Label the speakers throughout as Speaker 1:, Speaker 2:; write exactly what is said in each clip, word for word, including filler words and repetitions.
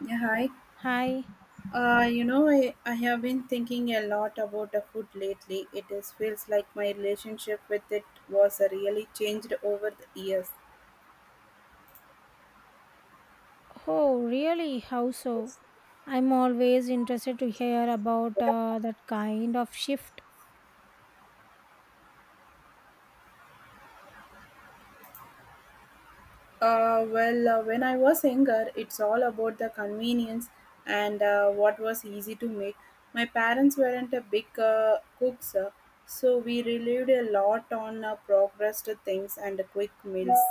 Speaker 1: Yeah, hi.
Speaker 2: Hi.
Speaker 1: Uh, you know, I, I have been thinking a lot about the food lately. It is feels like my relationship with it was uh, really changed over the years.
Speaker 2: Oh, really? How so? I'm always interested to hear about uh, that kind of shift.
Speaker 1: Uh, well, uh, when I was younger, it's all about the convenience and uh, what was easy to make. My parents weren't a big uh, cooks, uh, so we relied a lot on uh, progressed things and quick meals.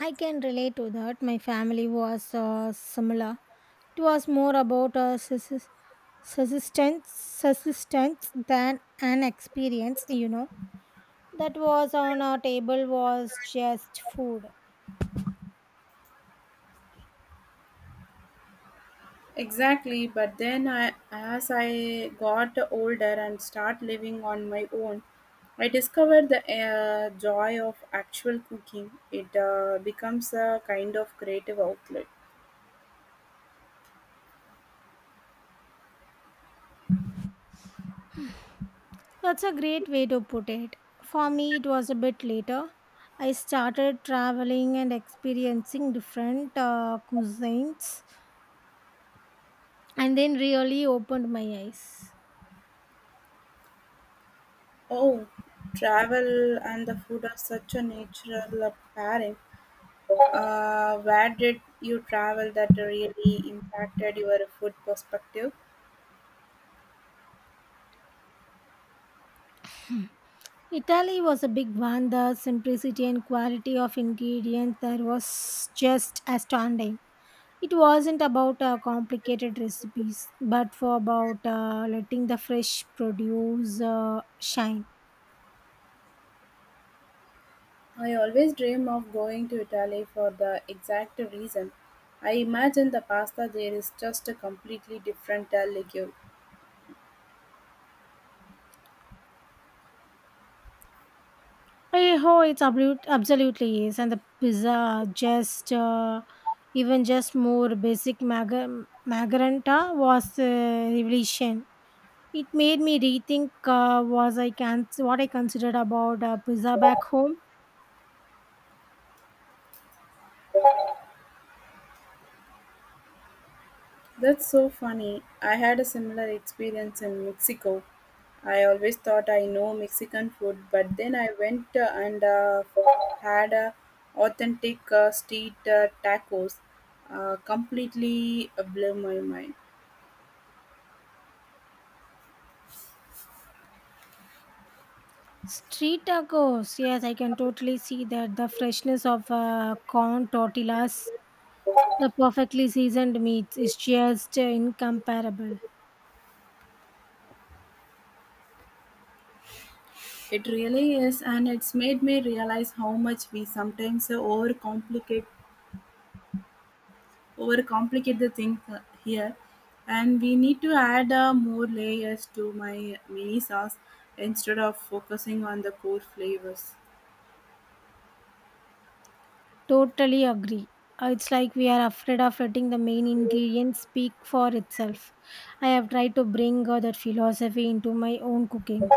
Speaker 2: I can relate to that. My family was uh, similar. It was more about a sus- subsistence, subsistence than an experience, you know. That was on our table was just food.
Speaker 1: Exactly, but then I, as I got older and start living on my own, I discovered the uh, joy of actual cooking. It uh, becomes a kind of creative outlet.
Speaker 2: That's a great way to put it. For me, it was a bit later. I started traveling and experiencing different uh, cuisines and then really opened my eyes.
Speaker 1: Oh, travel and the food are such a natural uh, pairing. Uh, where did you travel that really impacted your food perspective?
Speaker 2: Italy was a big one. The simplicity and quality of ingredients there was just astounding. It wasn't about uh, complicated recipes, but for about uh, letting the fresh produce uh, shine.
Speaker 1: I always dream of going to Italy for the exact reason. I imagine the pasta there is just a completely different uh, legume.
Speaker 2: Eh, Oh, it's absolute, absolutely is, and the pizza just uh, even just more basic mag- magaranta was a revelation. It made me rethink uh, was I can what I considered about uh, pizza back home.
Speaker 1: That's so funny. I had a similar experience in Mexico. I always thought I know Mexican food, but then I went uh, and uh, had uh, authentic uh, street uh, tacos. Uh, completely uh, blew my mind.
Speaker 2: Street tacos, yes, I can totally see that the freshness of uh, corn tortillas, the perfectly seasoned meat is just uh, incomparable.
Speaker 1: It really is, and it's made me realize how much we sometimes uh, overcomplicate overcomplicate the thing uh, here, and we need to add uh, more layers to my mini sauce instead of focusing on the core flavors.
Speaker 2: Totally agree. Uh, It's like we are afraid of letting the main ingredient speak for itself. I have tried to bring uh, that philosophy into my own cooking.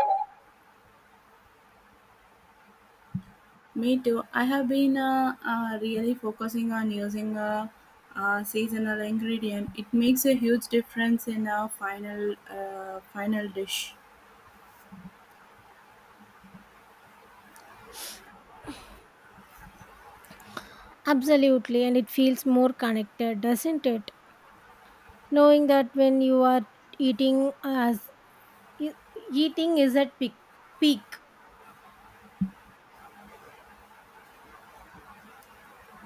Speaker 1: Me too. I have been uh, uh, really focusing on using a, uh seasonal ingredient. It makes a huge difference in our final uh, final dish.
Speaker 2: Absolutely, and it feels more connected, doesn't it? Knowing that when you are eating as e- eating is at peak, peak.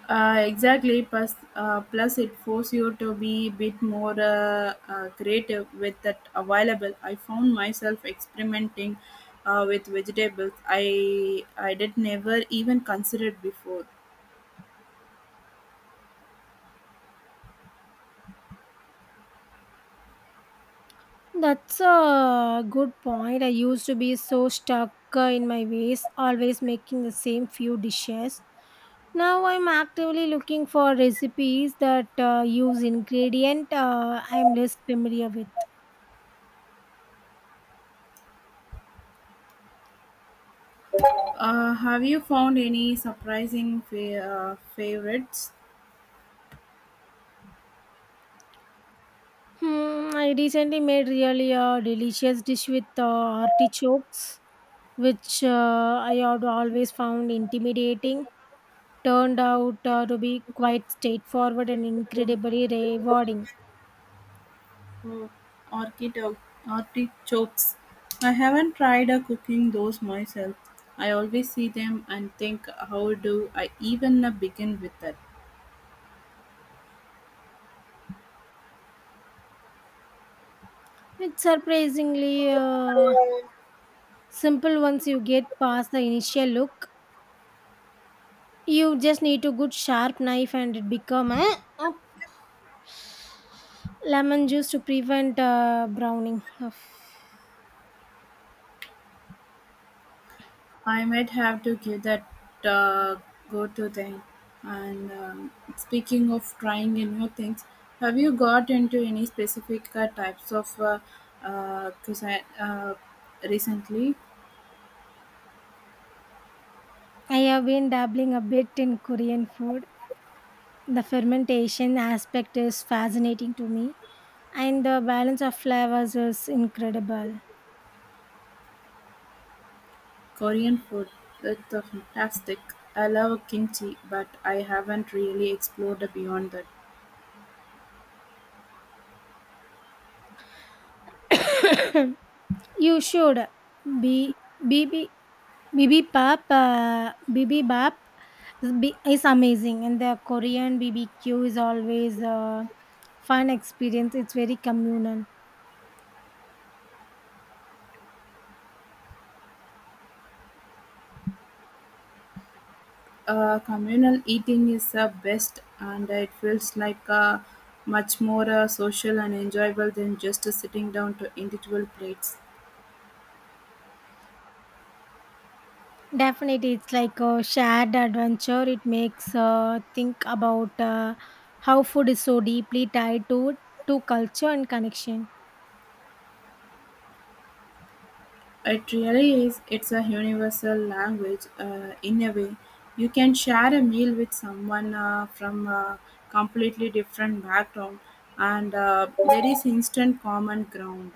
Speaker 1: Uh, exactly. Plus, uh, plus it forces you to be a bit more uh, uh, creative with that available. I found myself experimenting uh, with vegetables I I did never even considered before.
Speaker 2: That's a good point. I used to be so stuck uh, in my ways, always making the same few dishes. Now I'm actively looking for recipes that uh, use ingredient uh, I'm less familiar with.
Speaker 1: Uh, have you found any surprising fa- uh, favorites?
Speaker 2: Hmm, I recently made really a delicious dish with uh, artichokes, which uh, I had always found intimidating. Turned out uh, to be quite straightforward and incredibly rewarding.
Speaker 1: Oh, artichoke, artichokes. I haven't tried uh, cooking those myself. I always see them and think, how do I even uh, begin with that?
Speaker 2: It's surprisingly uh, simple once you get past the initial look. You just need a good sharp knife and it become a, a Lemon juice to prevent uh, browning. Of-
Speaker 1: I might have to give that uh, go to them. And um, Speaking of trying uh, new things, have you got into any specific uh, types of uh, uh, cuisine uh, recently?
Speaker 2: I have been dabbling a bit in Korean food. The fermentation aspect is fascinating to me, and the balance of flavors is incredible.
Speaker 1: Korean food, with the fantastic. I love kimchi, but I haven't really explored beyond that.
Speaker 2: You should be BB bibimbap uh, bibimbap is bi- is amazing, and the Korean B B Q is always a fun experience. It's very communal.
Speaker 1: Uh, communal eating is the best, and it feels like uh, much more uh, social and enjoyable than just sitting down to individual plates.
Speaker 2: Definitely, it's like a shared adventure. It makes uh, think about uh, how food is so deeply tied to to culture and connection.
Speaker 1: It really is. It's a universal language uh, in a way. You can share a meal with someone uh, from a completely different background, and uh, there is instant common ground.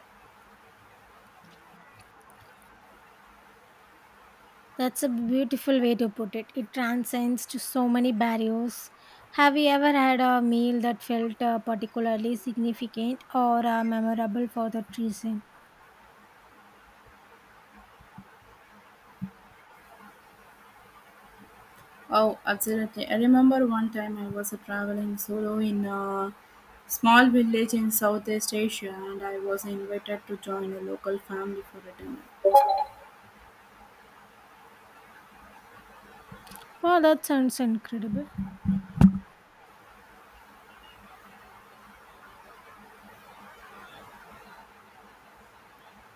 Speaker 2: That's a beautiful way to put it. It transcends to so many barriers. Have you ever had a meal that felt uh, particularly significant or uh, memorable for that reason?
Speaker 1: Oh, absolutely. I remember one time I was traveling solo in a small village in Southeast Asia and I was invited to join a local family for a dinner.
Speaker 2: Wow, that sounds incredible.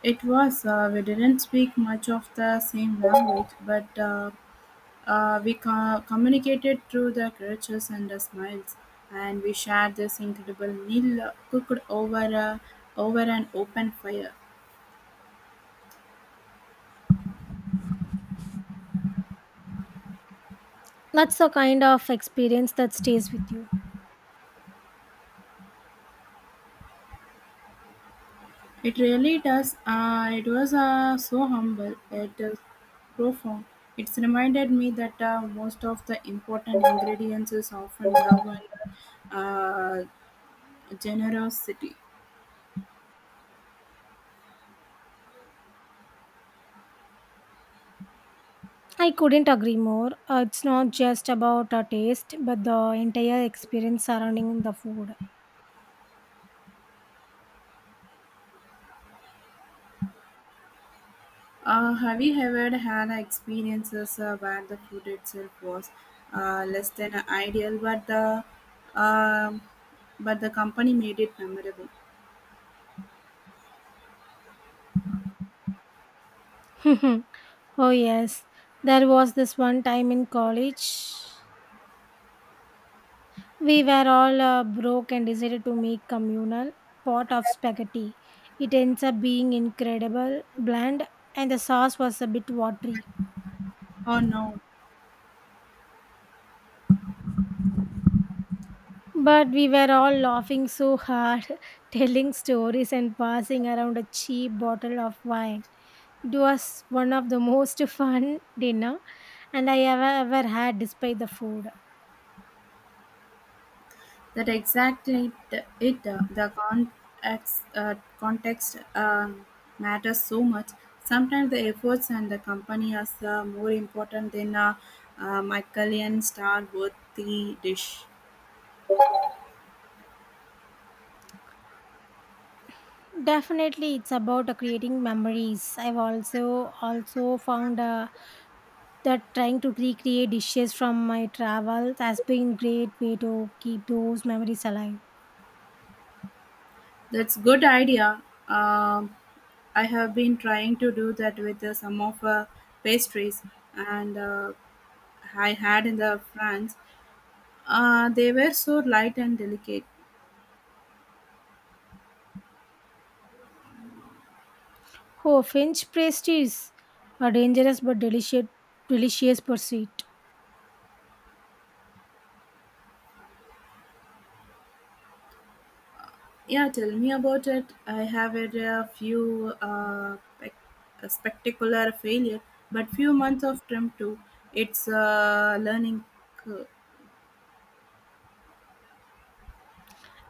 Speaker 1: It was, uh, we didn't speak much of the same language, but uh, uh, we co- communicated through the gestures and the smiles, and we shared this incredible meal uh, cooked over, a, over an open fire.
Speaker 2: That's the kind of experience that stays with you.
Speaker 1: It really does. Uh, it was uh, so humble, yet uh, profound. It's reminded me that uh, most of the important ingredients is often love and uh, generosity.
Speaker 2: I couldn't agree more. Uh, it's not just about a taste, but the entire experience surrounding the food.
Speaker 1: Uh, have you ever had experiences uh, where the food itself was uh, less than ideal, but the um but the company made it memorable?
Speaker 2: oh, yes. There was this one time in college. We were all uh, broke and decided to make communal pot of spaghetti. It ends up being incredible, bland, and the sauce was a bit watery.
Speaker 1: Oh no.
Speaker 2: But we were all laughing so hard, telling stories and passing around a cheap bottle of wine. It was one of the most fun dinner and I ever ever had despite the food.
Speaker 1: That exactly t- it. uh, The context, uh, context uh, matters so much. Sometimes the efforts and the company are uh, more important than a uh, uh, Michelin star worthy dish.
Speaker 2: Definitely it's about uh, creating memories. I've also also found uh, that trying to recreate dishes from my travels has been great way to keep those memories alive.
Speaker 1: That's good idea. Um I have been trying to do that with uh, some of uh, pastries, and uh, I had in the France. Uh, they were so light and delicate.
Speaker 2: Oh, French pastries are dangerous but delicious delicious pursuit.
Speaker 1: Yeah, tell me about it. I have had a few uh, spec- a spectacular failure, but few months of term too. It's a learning curve.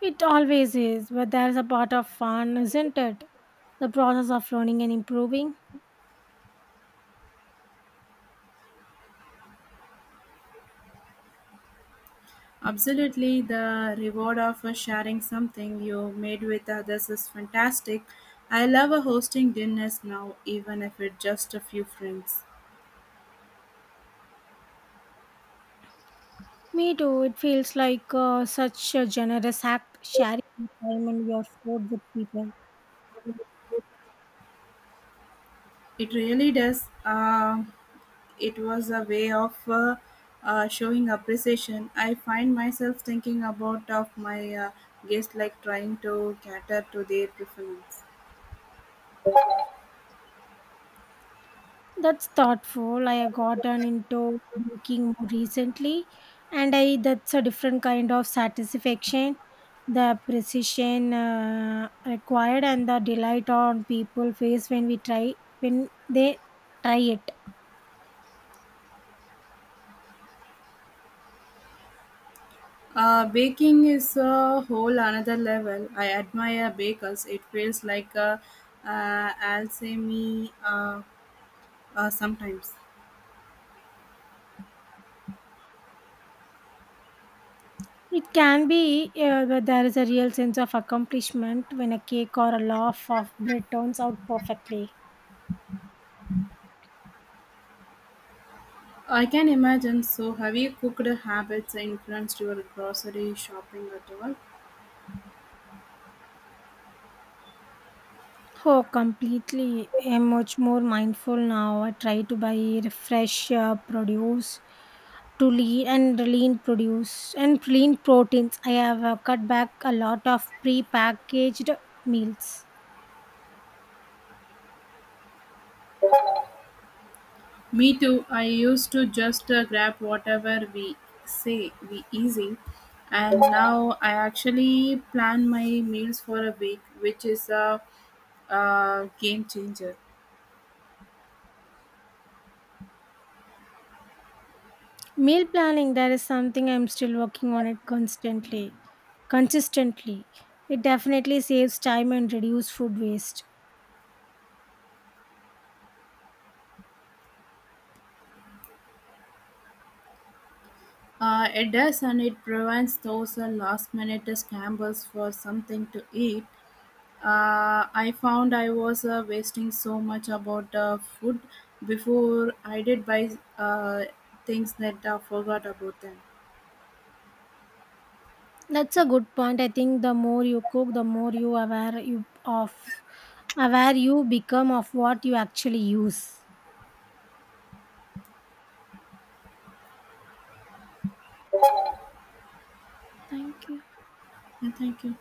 Speaker 2: It always is, but there's a part of fun, isn't it? The process of learning and improving.
Speaker 1: Absolutely, the reward of uh, sharing something you made with others is fantastic. I love uh, hosting dinners now, even if it's just a few friends.
Speaker 2: Me too. It feels like uh, such a generous act, sharing your time and your food with people.
Speaker 1: It really does. Uh, it was a way of uh, uh, showing appreciation. I find myself thinking about of my uh, guests, like trying to cater to their preference.
Speaker 2: That's thoughtful. I have gotten into baking more recently, and I that's a different kind of satisfaction. The precision uh, required and the delight on people face when we try when they try it.
Speaker 1: Uh, baking is a whole another level. I admire bakers. It feels like a, uh, alchemy uh, uh, sometimes.
Speaker 2: It can be uh, where there is a real sense of accomplishment when a cake or a loaf of bread turns out perfectly.
Speaker 1: I can imagine. So, have you cooked habits influenced your grocery shopping at all?
Speaker 2: Oh, completely. I'm much more mindful now. I try to buy fresh uh, produce to lean and lean produce and lean proteins. I have uh, cut back a lot of pre-packaged meals.
Speaker 1: Me too. I used to just uh, grab whatever we say we easy, and now I actually plan my meals for a week, which is a, uh game changer.
Speaker 2: Meal planning, there is something I'm still working on it constantly. Consistently. It definitely saves time and reduce food waste.
Speaker 1: Uh, it does, and it prevents those uh, last minute scrambles for something to eat. Uh, I found I was uh, wasting so much about uh, food before I did buy uh, things that I forgot about them.
Speaker 2: That's a good point. I think the more you cook, the more you aware you of aware you become of what you actually use. Thank you.
Speaker 1: And thank you.